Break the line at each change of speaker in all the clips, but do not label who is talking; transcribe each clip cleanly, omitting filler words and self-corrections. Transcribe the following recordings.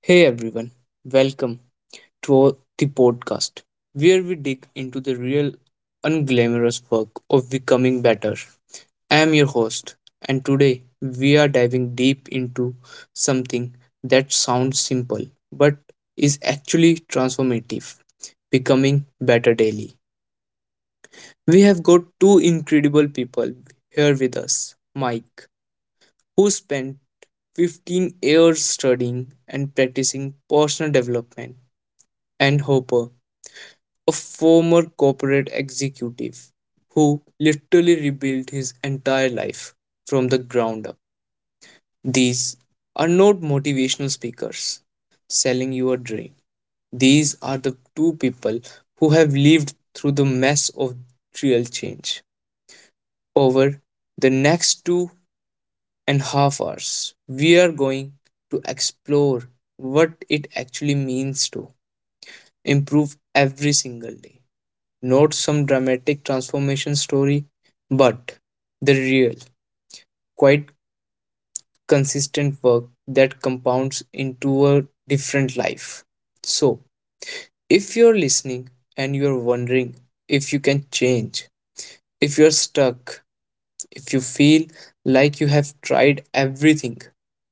Hey everyone, welcome to the podcast where we dig into the real unglamorous work of becoming better. I am your host, and today we are diving deep into something that sounds simple but is actually transformative becoming better daily. We have got two incredible people here with us, Mike, who spent 15 years studying and practicing personal development, and Hopper, a former corporate executive who literally rebuilt his entire life from the ground up. These are not motivational speakers selling you a dream. These are the two people who have lived through the mess of real change. Over the next 2.5 hours, we are going to explore what it actually means to improve every single day not some dramatic transformation story, but the real, quite consistent work that compounds into a different life. So, if you're listening and you're wondering if you can change, if you're stuck, if you feel like you have tried everything,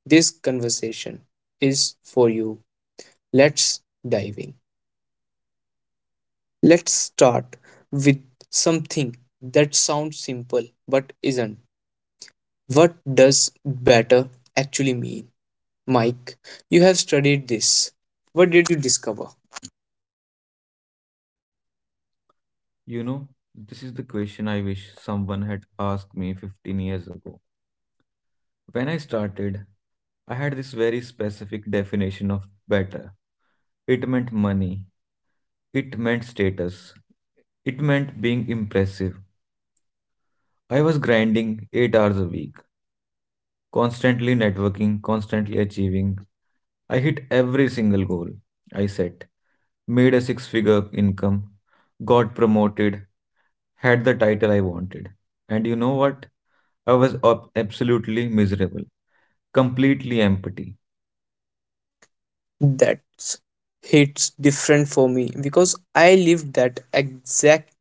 this conversation is for you. Let's dive in. Let's start with something that sounds simple but isn't. What does better actually mean? Mike, you have studied this. What did you discover?
You know, this is the question I wish someone had asked me 15 years ago. When I started, I had this very specific definition of better. It meant money, it meant status, it meant being impressive. I was grinding 8 hours a week, constantly networking, constantly achieving. I hit every single goal I set, made a six figure income, got promoted, had the title I wanted. And you know what? I was absolutely miserable, completely empty.
That hits different for me because I lived that exact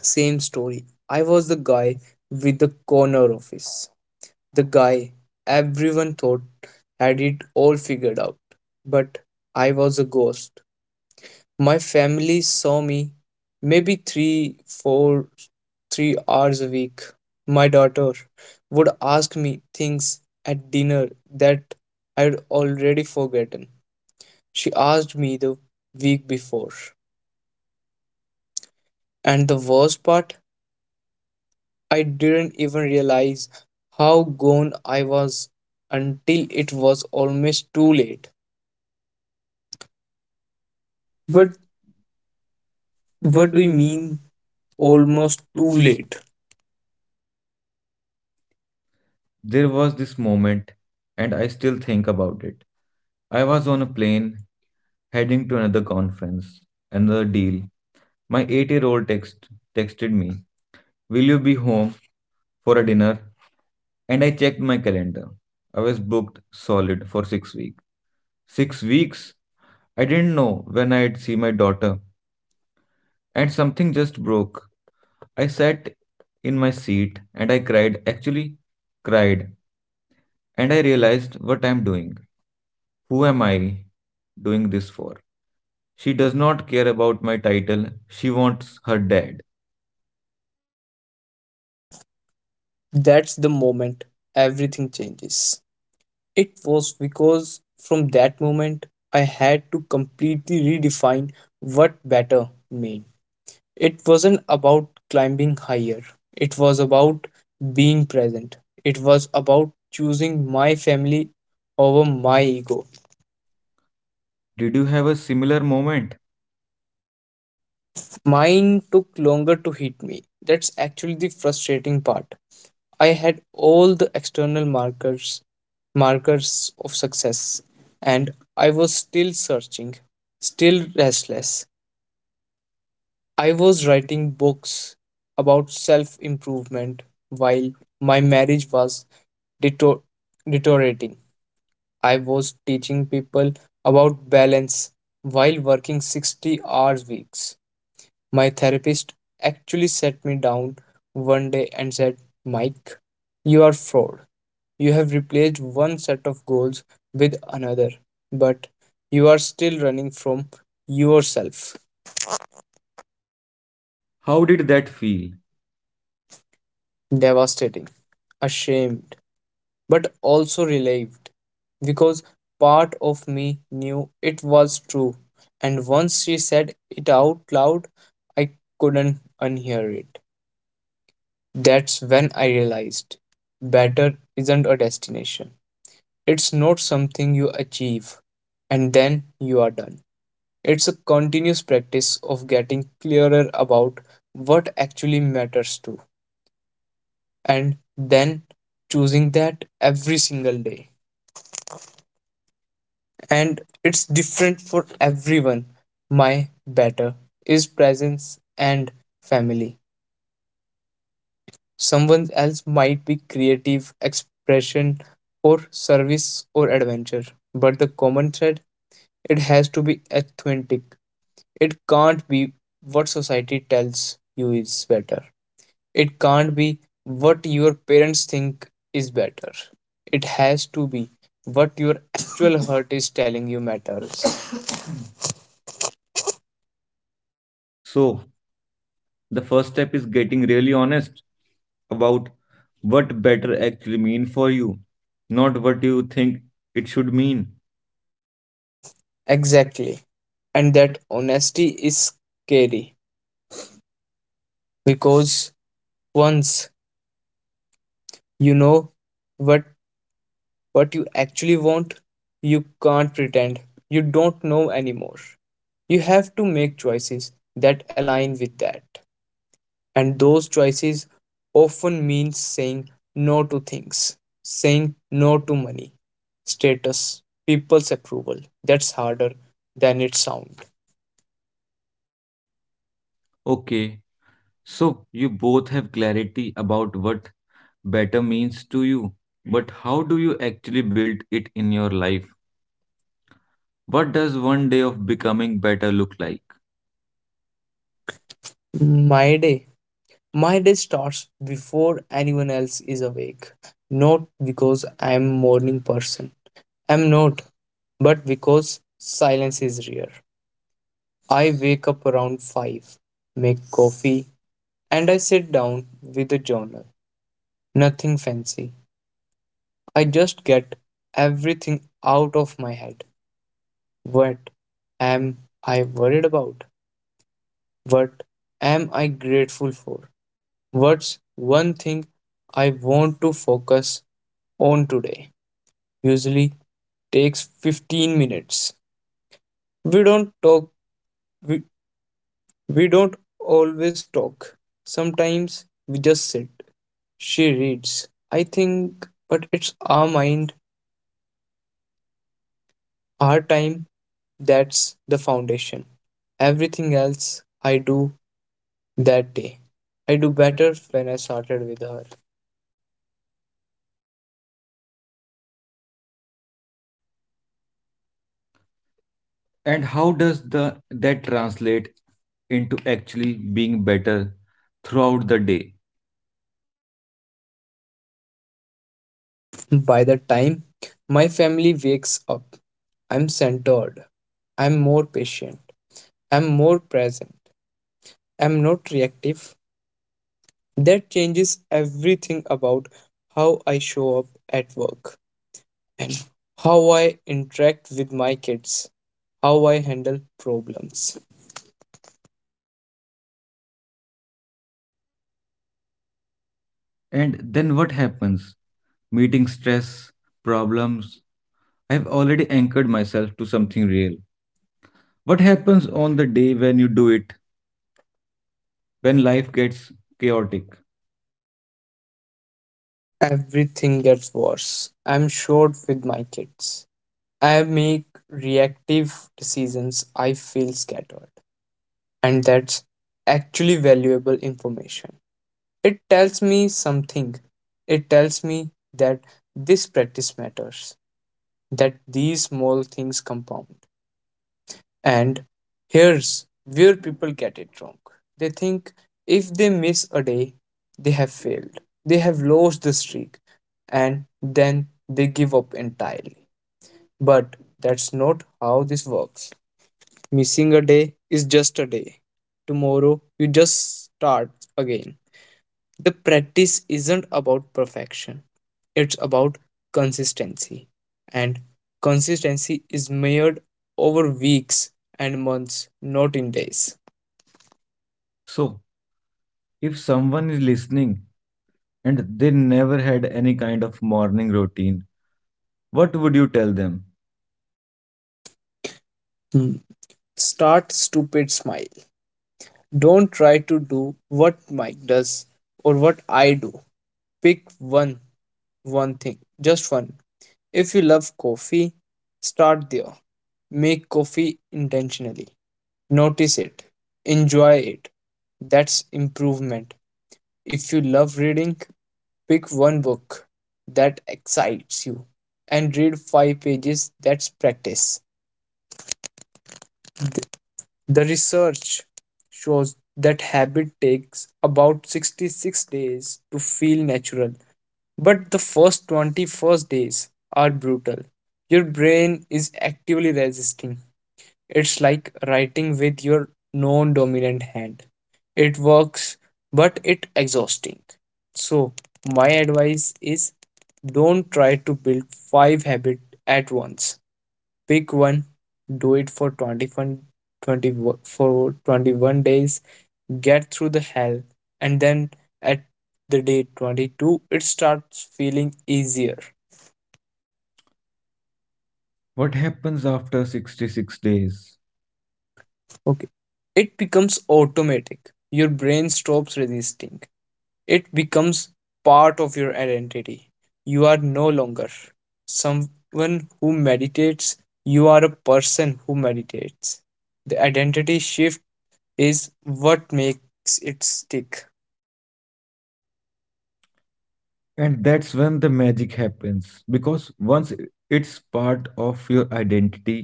same story. I was the guy with the corner office, the guy everyone thought had it all figured out, but I was a ghost. My family saw me maybe three, four, 3 hours a week. My daughter would ask me things at dinner that I'd already forgotten. She asked me the week before. And the worst part, I didn't even realize how gone I was until it was almost too late.
What
But
what
what
do
do
you
you
mean
mean
almost
almost too
too late?
late?
There was this moment, and I still think about it. I was on a plane heading to another conference, another deal. My 8-year-old texted me, will you be home for a dinner? And I checked my calendar. I was booked solid for 6 weeks. 6 weeks? I didn't know when I'd see my daughter, and something just broke. I sat in my seat and I cried, actually, cried, and I realized what I'm doing. Who am I doing this for? She does not care about my title. She wants her dad.
That's the moment everything changes. It was because from that moment I had to completely redefine what better meant. It wasn't about climbing higher, it was about being present. It was about choosing my family over my ego.
Did you have a similar moment?
Mine took longer to hit me. That's actually the frustrating part. I had all the external markers of success and I was still searching, still restless. I was writing books about self improvement while my marriage was deto- deteriorating. I was teaching people about balance while working 60 hours weeks. My therapist actually sat me down one day and said, "Mike, you are fraud. You have replaced one set of goals with another, but you are still running from yourself."
How did that feel?
Devastating, ashamed but also relieved because part of me knew it was true. And once she said it out loud, I couldn't unhear it. That's when I realized better isn't a destination, it's not something you achieve and then you are done. It's a continuous practice of getting clearer about what actually matters to, and then choosing that every single day. And it's different for everyone. My better is presence and family. Someone else might be creative, expression, or service or adventure, but the common thread it has to be authentic. It can't be what society tells you is better. It can't be what your parents think is better. It has to be what your actual heart is telling you matters.
So, the first step is getting really honest about what better actually mean for you, not what you think it should mean.
Exactly. And that honesty is scary because once you know what what you actually want, you can't pretend. You don't know anymore. You have to make choices that align with that. And those choices often mean saying no to things, saying no to money, status, people's approval. That's harder than it sounds.
Okay, so you both have clarity about what better means to you, but how do you actually build it in your life? What does one day of becoming better look like?
My day My day starts before anyone else is awake. Not because I am a morning person. I'm not, but because silence is rare. I wake up around 5, make coffee, and I sit down with a journal. Nothing fancy. I just get everything out of my head. What am I worried about? What am I grateful for? What's one thing I want to focus on today? Usually takes 15 minutes. We don't talk, we, we don't always talk. Sometimes we just sit. She reads. I think, but it's our mind, our time, that's the foundation. Everything else I do that day. I do better when I started with her.
And how does the that translate into actually being better throughout the day?
By the time my family wakes up, I'm centered. I'm more patient. I'm more present. I'm not reactive. That changes everything about how I show up at work and how I interact with my kids, how I handle problems.
And then what happens? Meeting stress, problems. I've already anchored myself to something real. What happens on the day when you do it, when life gets chaotic?
Everything gets worse. I'm short with my kids. I make reactive decisions. I feel scattered. And that's actually valuable information. It tells me something. It tells me that this practice matters, that these small things compound. And here's where people get it wrong. They think if they miss a day, they have failed, they have lost the streak, and then they give up entirely. But that's not how this works. Missing a day is just a day. Tomorrow, you just start again. The practice isn't about perfection, it's about consistency. And consistency is measured over weeks and months, not in days.
So, if someone is listening and they never had any kind of morning routine, what would you tell them?
Hmm. Start stupid smile. Don't try to do what Mike does or what I do. Pick one, one thing, just one. If you love coffee, start there. Make coffee intentionally. Notice it. Enjoy it. That's improvement. If you love reading, pick one book that excites you and read five pages. That's practice. The research shows that habit takes about 66 days to feel natural, but the first 21st days are brutal. Your brain is actively resisting. It's like writing with your non dominant hand. It works, but it exhausting. So, my advice is don't try to build five habits at once. Pick one, do it for 21 20 for 21 days, get through the hell, and then at the day 22, it starts feeling easier.
What happens after 66 days?
Okay. It becomes automatic. Your brain stops resisting. It becomes part of your identity. You are no longer someone who meditates, you are a person who meditates. The identity shift is what makes it stick.
And that's when the magic happens, because once i- it's part of your identity,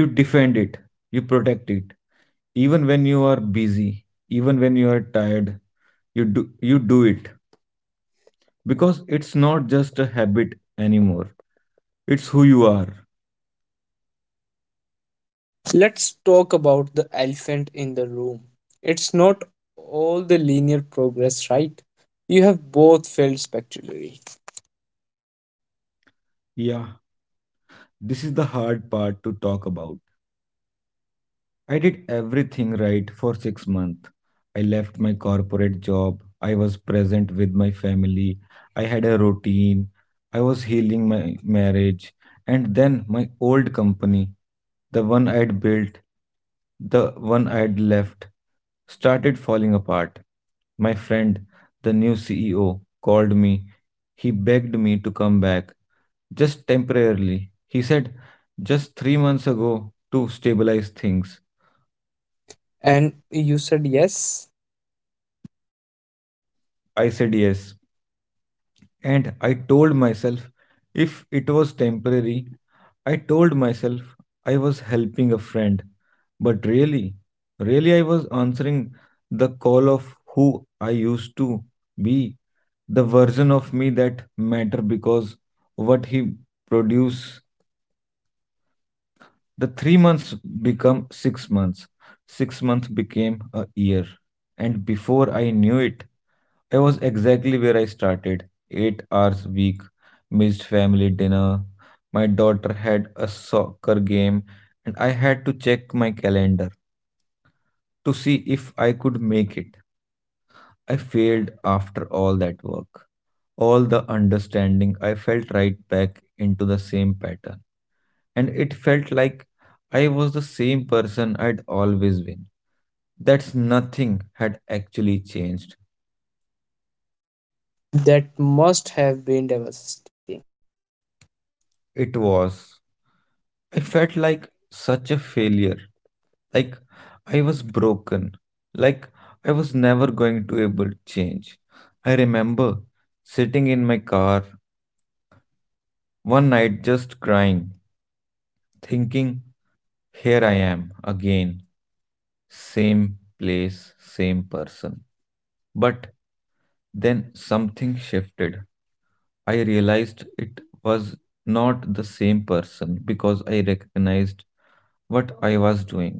you defend it, you protect it, even when you are busy, even when you are tired, you do you do it, because it's not just a habit anymore, it's who you are.
Let's talk about the elephant in the room. It's not all the linear progress, right? You have both failed spectacularly.
Yeah, this is the hard part to talk about. I did everything right for 6 months. I left my corporate job. I was present with my family. I had a routine. I was healing my marriage. And then my old company, the one I had built, the one I had left, started falling apart. My friend, the new CEO, called me. He begged me to come back, just temporarily. He said, just 3 months ago to stabilize things.
And you said yes.
I said yes. And I told myself if it was temporary, I told myself I was helping a friend. But really, I was answering the call of who I used to be, the version of me that mattered because what he produced. The 3 months become 6 months. 6 months became a year. And before I knew it, I was exactly where I started. 8 hours a week, missed family dinner. My daughter had a soccer game, and I had to check my calendar to see if I could make it. I failed after all that work. All the understanding, I fell right back into the same pattern, and it felt like I was the same person I'd always been. That's nothing had actually changed.
That must have been devastating.
It was. I felt like such a failure. Like I was broken. Like I was never going to able to change. I remember sitting in my car one night just crying, thinking, here I am again, same place, same person. But then something shifted. I realized it was not the same person because I recognized what I was doing.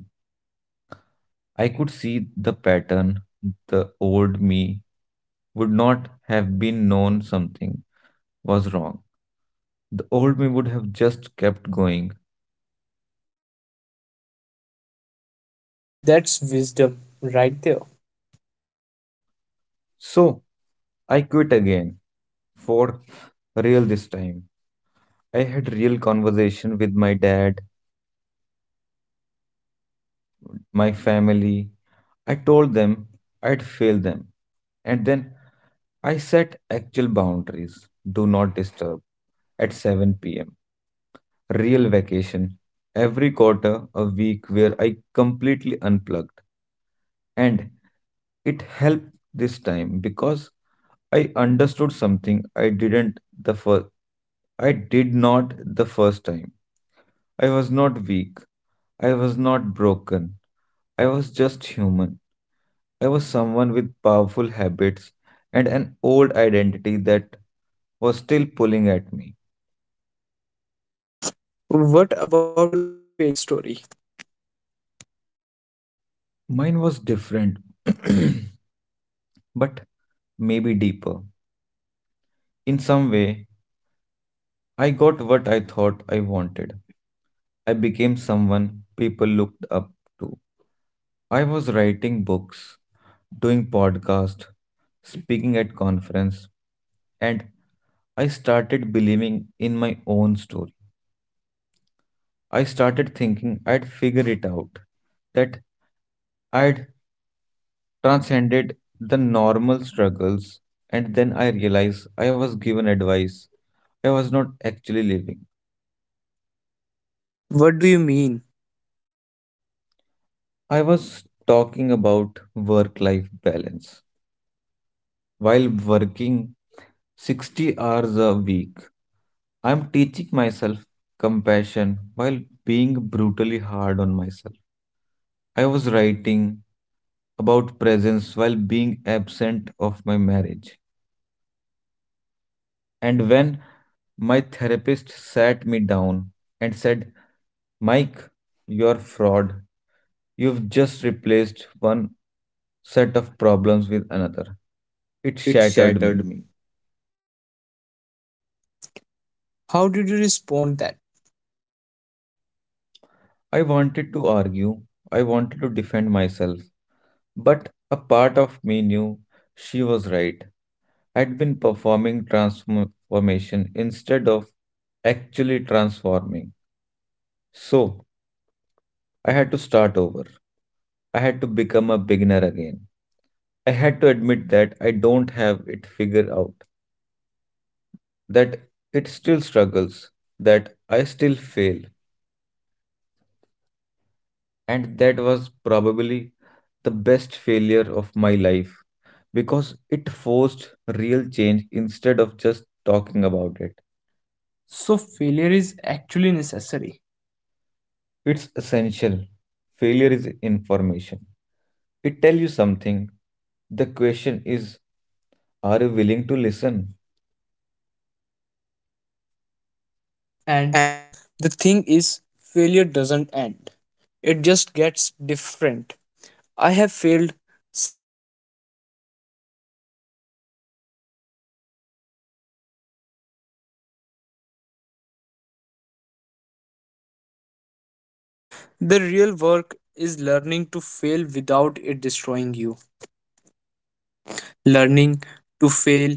I could see the pattern. The old me would not have been known something was wrong. The old me would have just kept going.
That's wisdom right there.
So I quit again, for real this time. I had real conversation with my dad, my family. I told them I'd fail them. And then I set actual boundaries, do not disturb at 7 pm. Real vacation. Every quarter, a week where I completely unplugged. And it helped this time because I understood something I didn't the first. I did not the first time. I was not weak. I was not broken. I was just human. I was someone with powerful habits and an old identity that was still pulling at me.
What about your failure story?
Mine was different, but maybe deeper. In some way, I got what I thought I wanted. I became someone people looked up to. I was writing books, doing podcasts, speaking at conference, and I started believing in my own story. I started thinking I'd figure it out, that I'd transcended the normal struggles, and then I realized I was given advice I was not actually living.
What do you mean?
I was talking about work life balance. While working 60 hours a week, I'm teaching myself compassion while being brutally hard on myself. I was writing about presence while being absent of my marriage. And when my therapist sat me down and said, Mike, you're a fraud. You've just replaced one set of problems with another. It
It
shattered
shattered
me.
me. How did you respond that?
I wanted to argue, I wanted to defend myself, but a part of me knew she was right. I'd been performing transformation instead of actually transforming. So I had to start over. I had to become a beginner again. I had to admit that I don't have it figured out, that it still struggles, that I still fail. And that was probably the best failure of my life because it forced real change instead of just talking about it. So, failure is actually necessary. It's essential. Failure is information. It tells you something. The question is, are you willing to listen? And
And the thing is, failure doesn't end. It just gets different. I have failed since then, not as dramatically, but I have had to recommit to my values over and over. I think the real work is learning to fail without it destroying you. Learning to fail,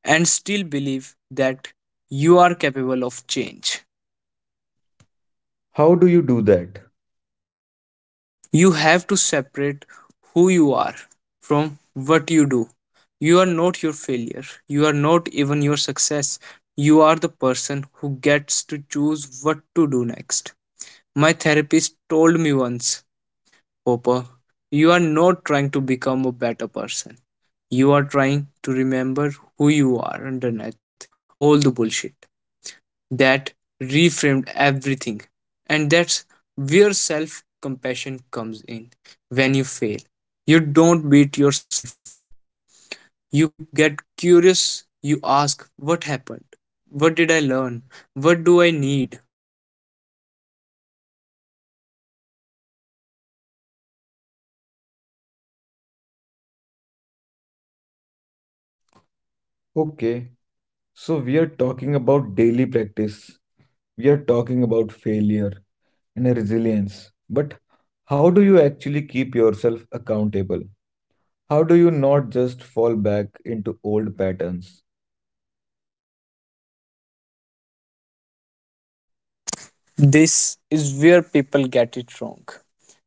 and still believe that you are capable of change.
how do you do that?
You have to separate who you are from what you do. You are not your failure, you are not even your success. You are the person who gets to choose what to do next. My therapist told me once, Hopper, you are not trying to become a better person. You are trying to remember who you are underneath all the bullshit. That reframed everything. And that's where self compassion comes in. When you fail, you don't beat yourself up. You get curious. You ask, What happened? What did I learn? What do I need? When you respond to yourself with kindness instead of judgment, failure becomes medicine instead of poison.
Okay, so we are talking about daily practice. We are talking about failure and resilience. But how do you actually keep yourself accountable? How do you not just fall back into old patterns?
This is where people get it wrong.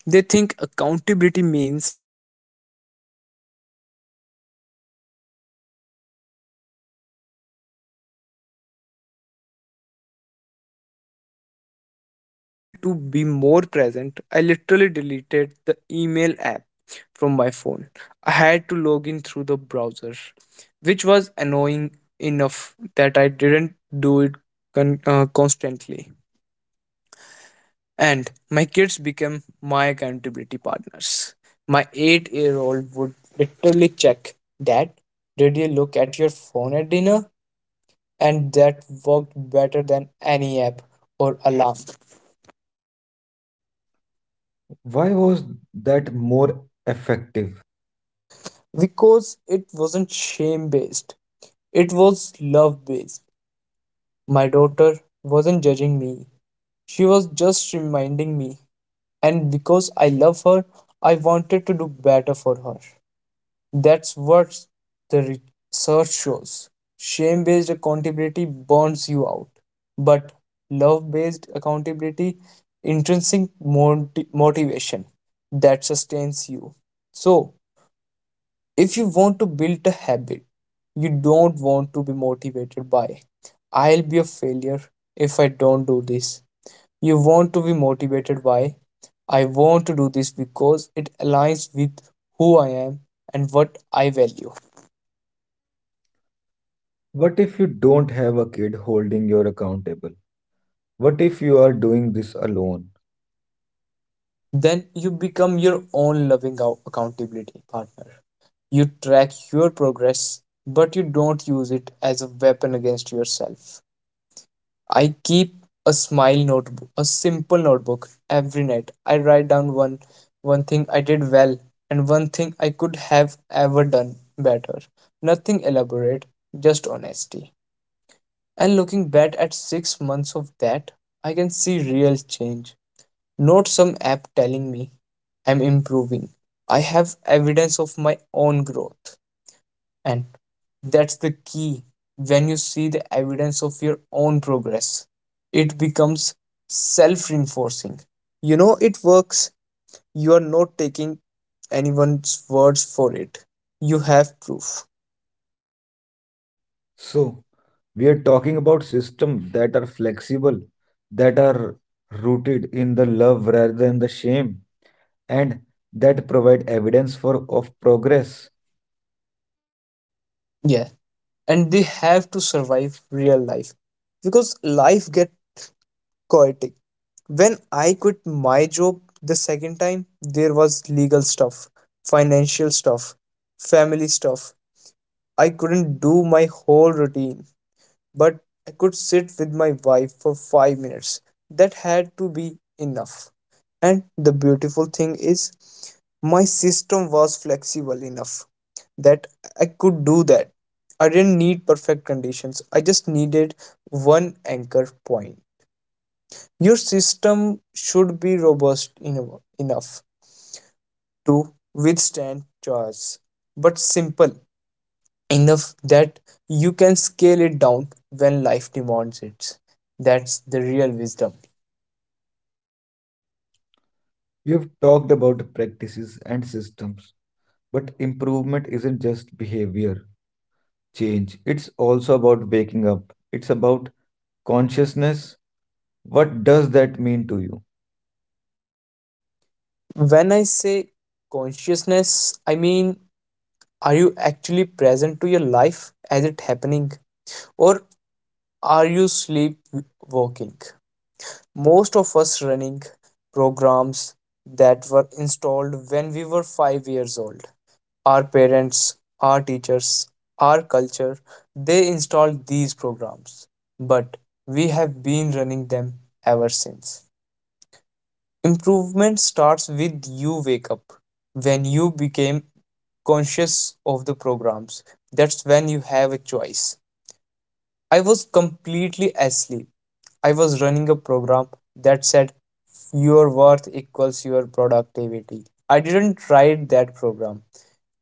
They think accountability means punishment, but that's backwards. What works is environmental design and love based accountability. When I wanted to be more present, I literally deleted the email app from my phone. I had to log in through the browser, which was annoying enough that I didn't do it constantly. And my kids became my accountability partners. My 8-year old would literally check, Dad, did you look at your phone at dinner? And that worked better than any app or alarm
Why was that more effective?
because it wasn't shame based, it was love based. My daughter wasn't judging me, she was just reminding me. And because I love her, I wanted to do better for her. That's what the research shows. Shame based accountability burns you out, but love based accountability, intrinsic motivation that sustains you. So, if you want to build a habit you don't want to be motivated by, I'll be a failure if I don't do this. You want to be motivated by, I want to do this because it aligns with who I am and what I value.
What if you don't have a kid holding you accountable? What if you are doing this alone?
Then you become your own loving accountability partner. You track your progress, but you don't use it as a weapon against yourself. I keep a smile notebook, a simple notebook every night. I write down one thing I did well and one thing I could have ever done better. Nothing elaborate, just honesty. And looking back at 6 months of that, I can see real change not some app telling me I'm improving. I have evidence of my own growth. And that's the key. When you see the evidence of your own progress, it becomes self reinforcing. You know, it works. You are not taking anyone's words for it. You have proof.
So, we are talking about systems that are flexible, that are rooted in the love rather than the shame, and that provide evidence for of progress.
Yeah. And they have to survive real life because life gets chaotic. When I quit my job the second time, there was legal stuff, financial stuff, family stuff. I couldn't do my whole routine, but I could sit with my wife for 5 minutes. That had to be enough. And the beautiful thing is, my system was flexible enough that I could do that. I didn't need perfect conditions, I just needed one anchor point. Your system should be robust enough to withstand chores, but simple enough that you can scale it down when life demands it. That's the real wisdom.
We have talked about practices and systems, but improvement isn't just behavior change. It's also about waking up. It's about consciousness. What does that mean to you?
When I say consciousness, I mean, are you actually present to your life as it happening, or are you sleepwalking? Most of us running programs that were installed when we were 5 years old, our parents, our teachers, our culture, they installed these programs, but we have been running them ever since. Improvement starts with you wake up. When you became conscious of the programs, that's when you have a choice. I was completely asleep. I was running a program that said your worth equals your productivity. I didn't write that program.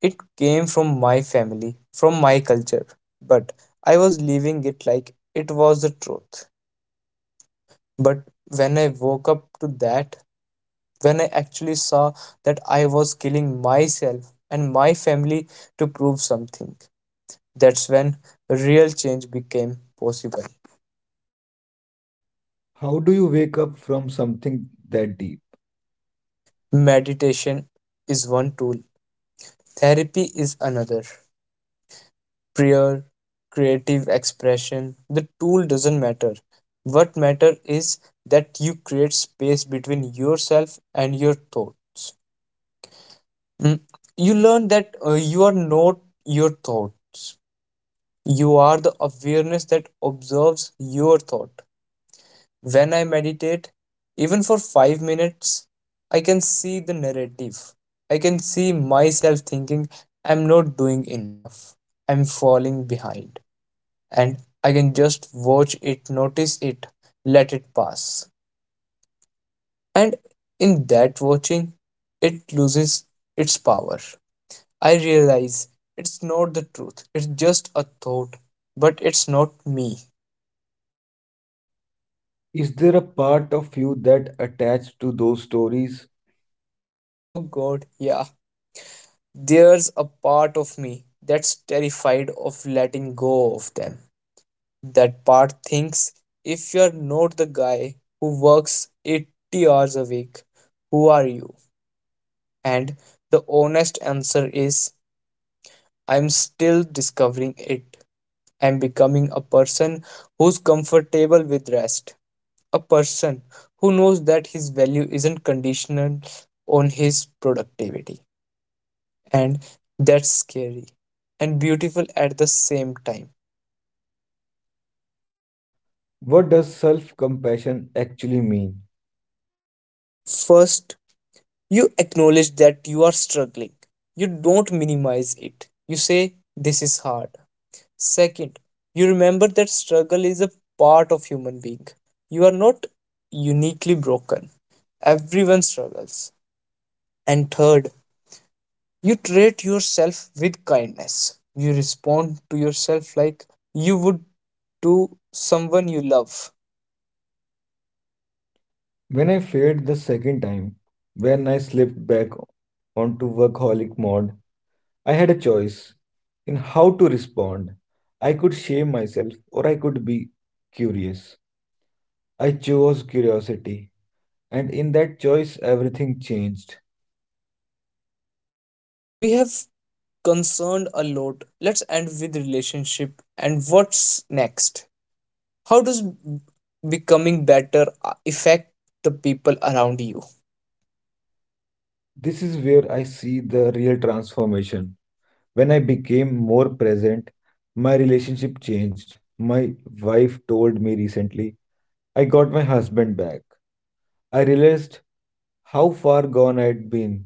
It came from my family, from my culture, but I was living it like it was the truth. But when I woke up to that, when I actually saw that I was killing myself and my family to prove something, that's when real change became possible.
How do you wake up from something that deep?
Meditation is one tool, therapy is another. Prayer, creative expression, the tool doesn't matter. What matter is that you create space between yourself and your thoughts. Mm. You learn that you are not your thoughts. You are the awareness that observes your thought. When I meditate, even for 5 minutes, I can see the narrative. I can see myself thinking, I'm not doing enough. I'm falling behind. And I can just watch it, notice it, let it pass. And in that watching, it loses its power. I realize it's not the truth, it's just a thought, but it's not me.
Is there a part of you that attached to those stories?
Oh god, yeah. There's a part of me that's terrified of letting go of them. That part thinks, if you're not the guy who works 80 hours a week, who are you? And the honest answer is I'm still discovering it. I'm becoming a person who's comfortable with rest, a person who knows that his value isn't conditional on his productivity. And that's scary and beautiful at the same time.
What does self compassion actually mean?
First, you acknowledge that you are struggling, you don't minimize it. You say, this is hard. Second, you remember that struggle is a part of human being. You are not uniquely broken. Everyone struggles. And third, you treat yourself with kindness. You respond to yourself like you would to someone you love.
When I failed the second time, when I slipped back onto workaholic mode, I had a choice in how to respond. I could shame myself or I could be curious. I chose curiosity, and in that choice, everything changed.
We have concerned a lot. Let's end with relationship and what's next. How does becoming better affect the people around you?
This is where I see the real transformation. When I became more present, my relationship changed. My wife told me recently, I got my husband back. I realized how far gone I had been,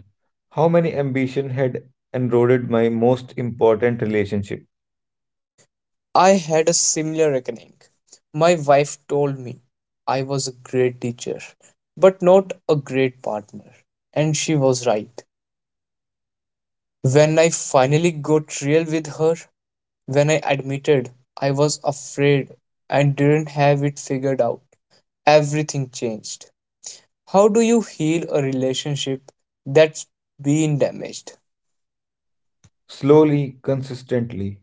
how many ambition had eroded my most important relationship.
I had a similar reckoning. My wife told me I was a great teacher, but not a great partner. And she was right. When I finally got real with her, when I admitted I was afraid and didn't have it figured out, everything changed. How do you heal a relationship that's been damaged?
Slowly, consistently,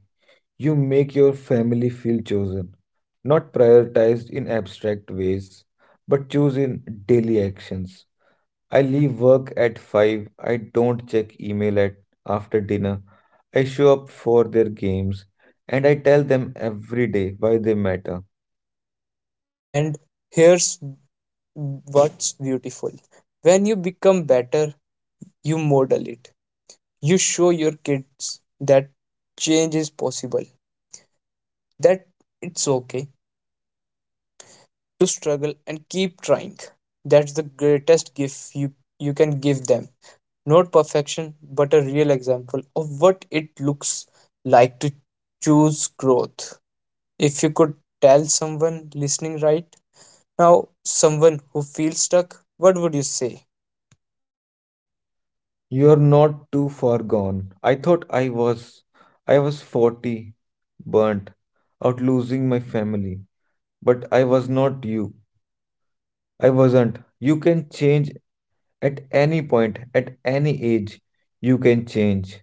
you make your family feel chosen, not prioritized in abstract ways, but chosen daily actions. I leave work at 5. I don't check email at after dinner. I show up for their games and I tell them every day why they matter.
And here's what's beautiful, when you become better, you model it, you show your kids that change is possible, that it's okay to struggle and keep trying. That's the greatest gift you can give them. Not perfection, but a real example of what it looks like to choose growth. If you could tell someone listening right now, someone who feels stuck, what would you say?
You're not too far gone. I thought I was. I was 40, burnt out losing my family. But I was not you. I wasn't. You can change at any point, at any age. You can change.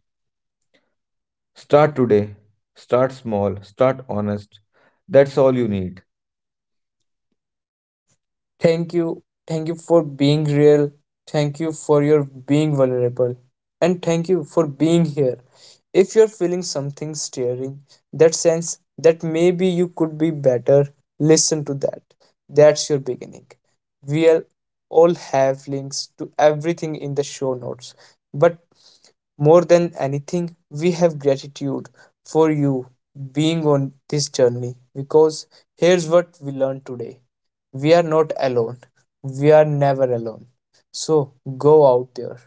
Start today. Start small. Start honest. That's all you need.
Thank you. Thank you for being real. Thank you for your being vulnerable. And thank you for being here. If you're feeling something stirring, that sense that maybe you could be better, listen to that. That's your beginning. We'll all have links to everything in the show notes. But more than anything, we have gratitude for you being on this journey, because here's what we learned today: we are not alone, we are never alone. So go out there,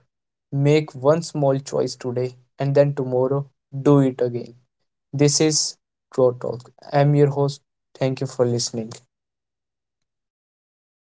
make one small choice today, and then tomorrow do it again. This is Grow Talk. I'm your host. Thank you for listening.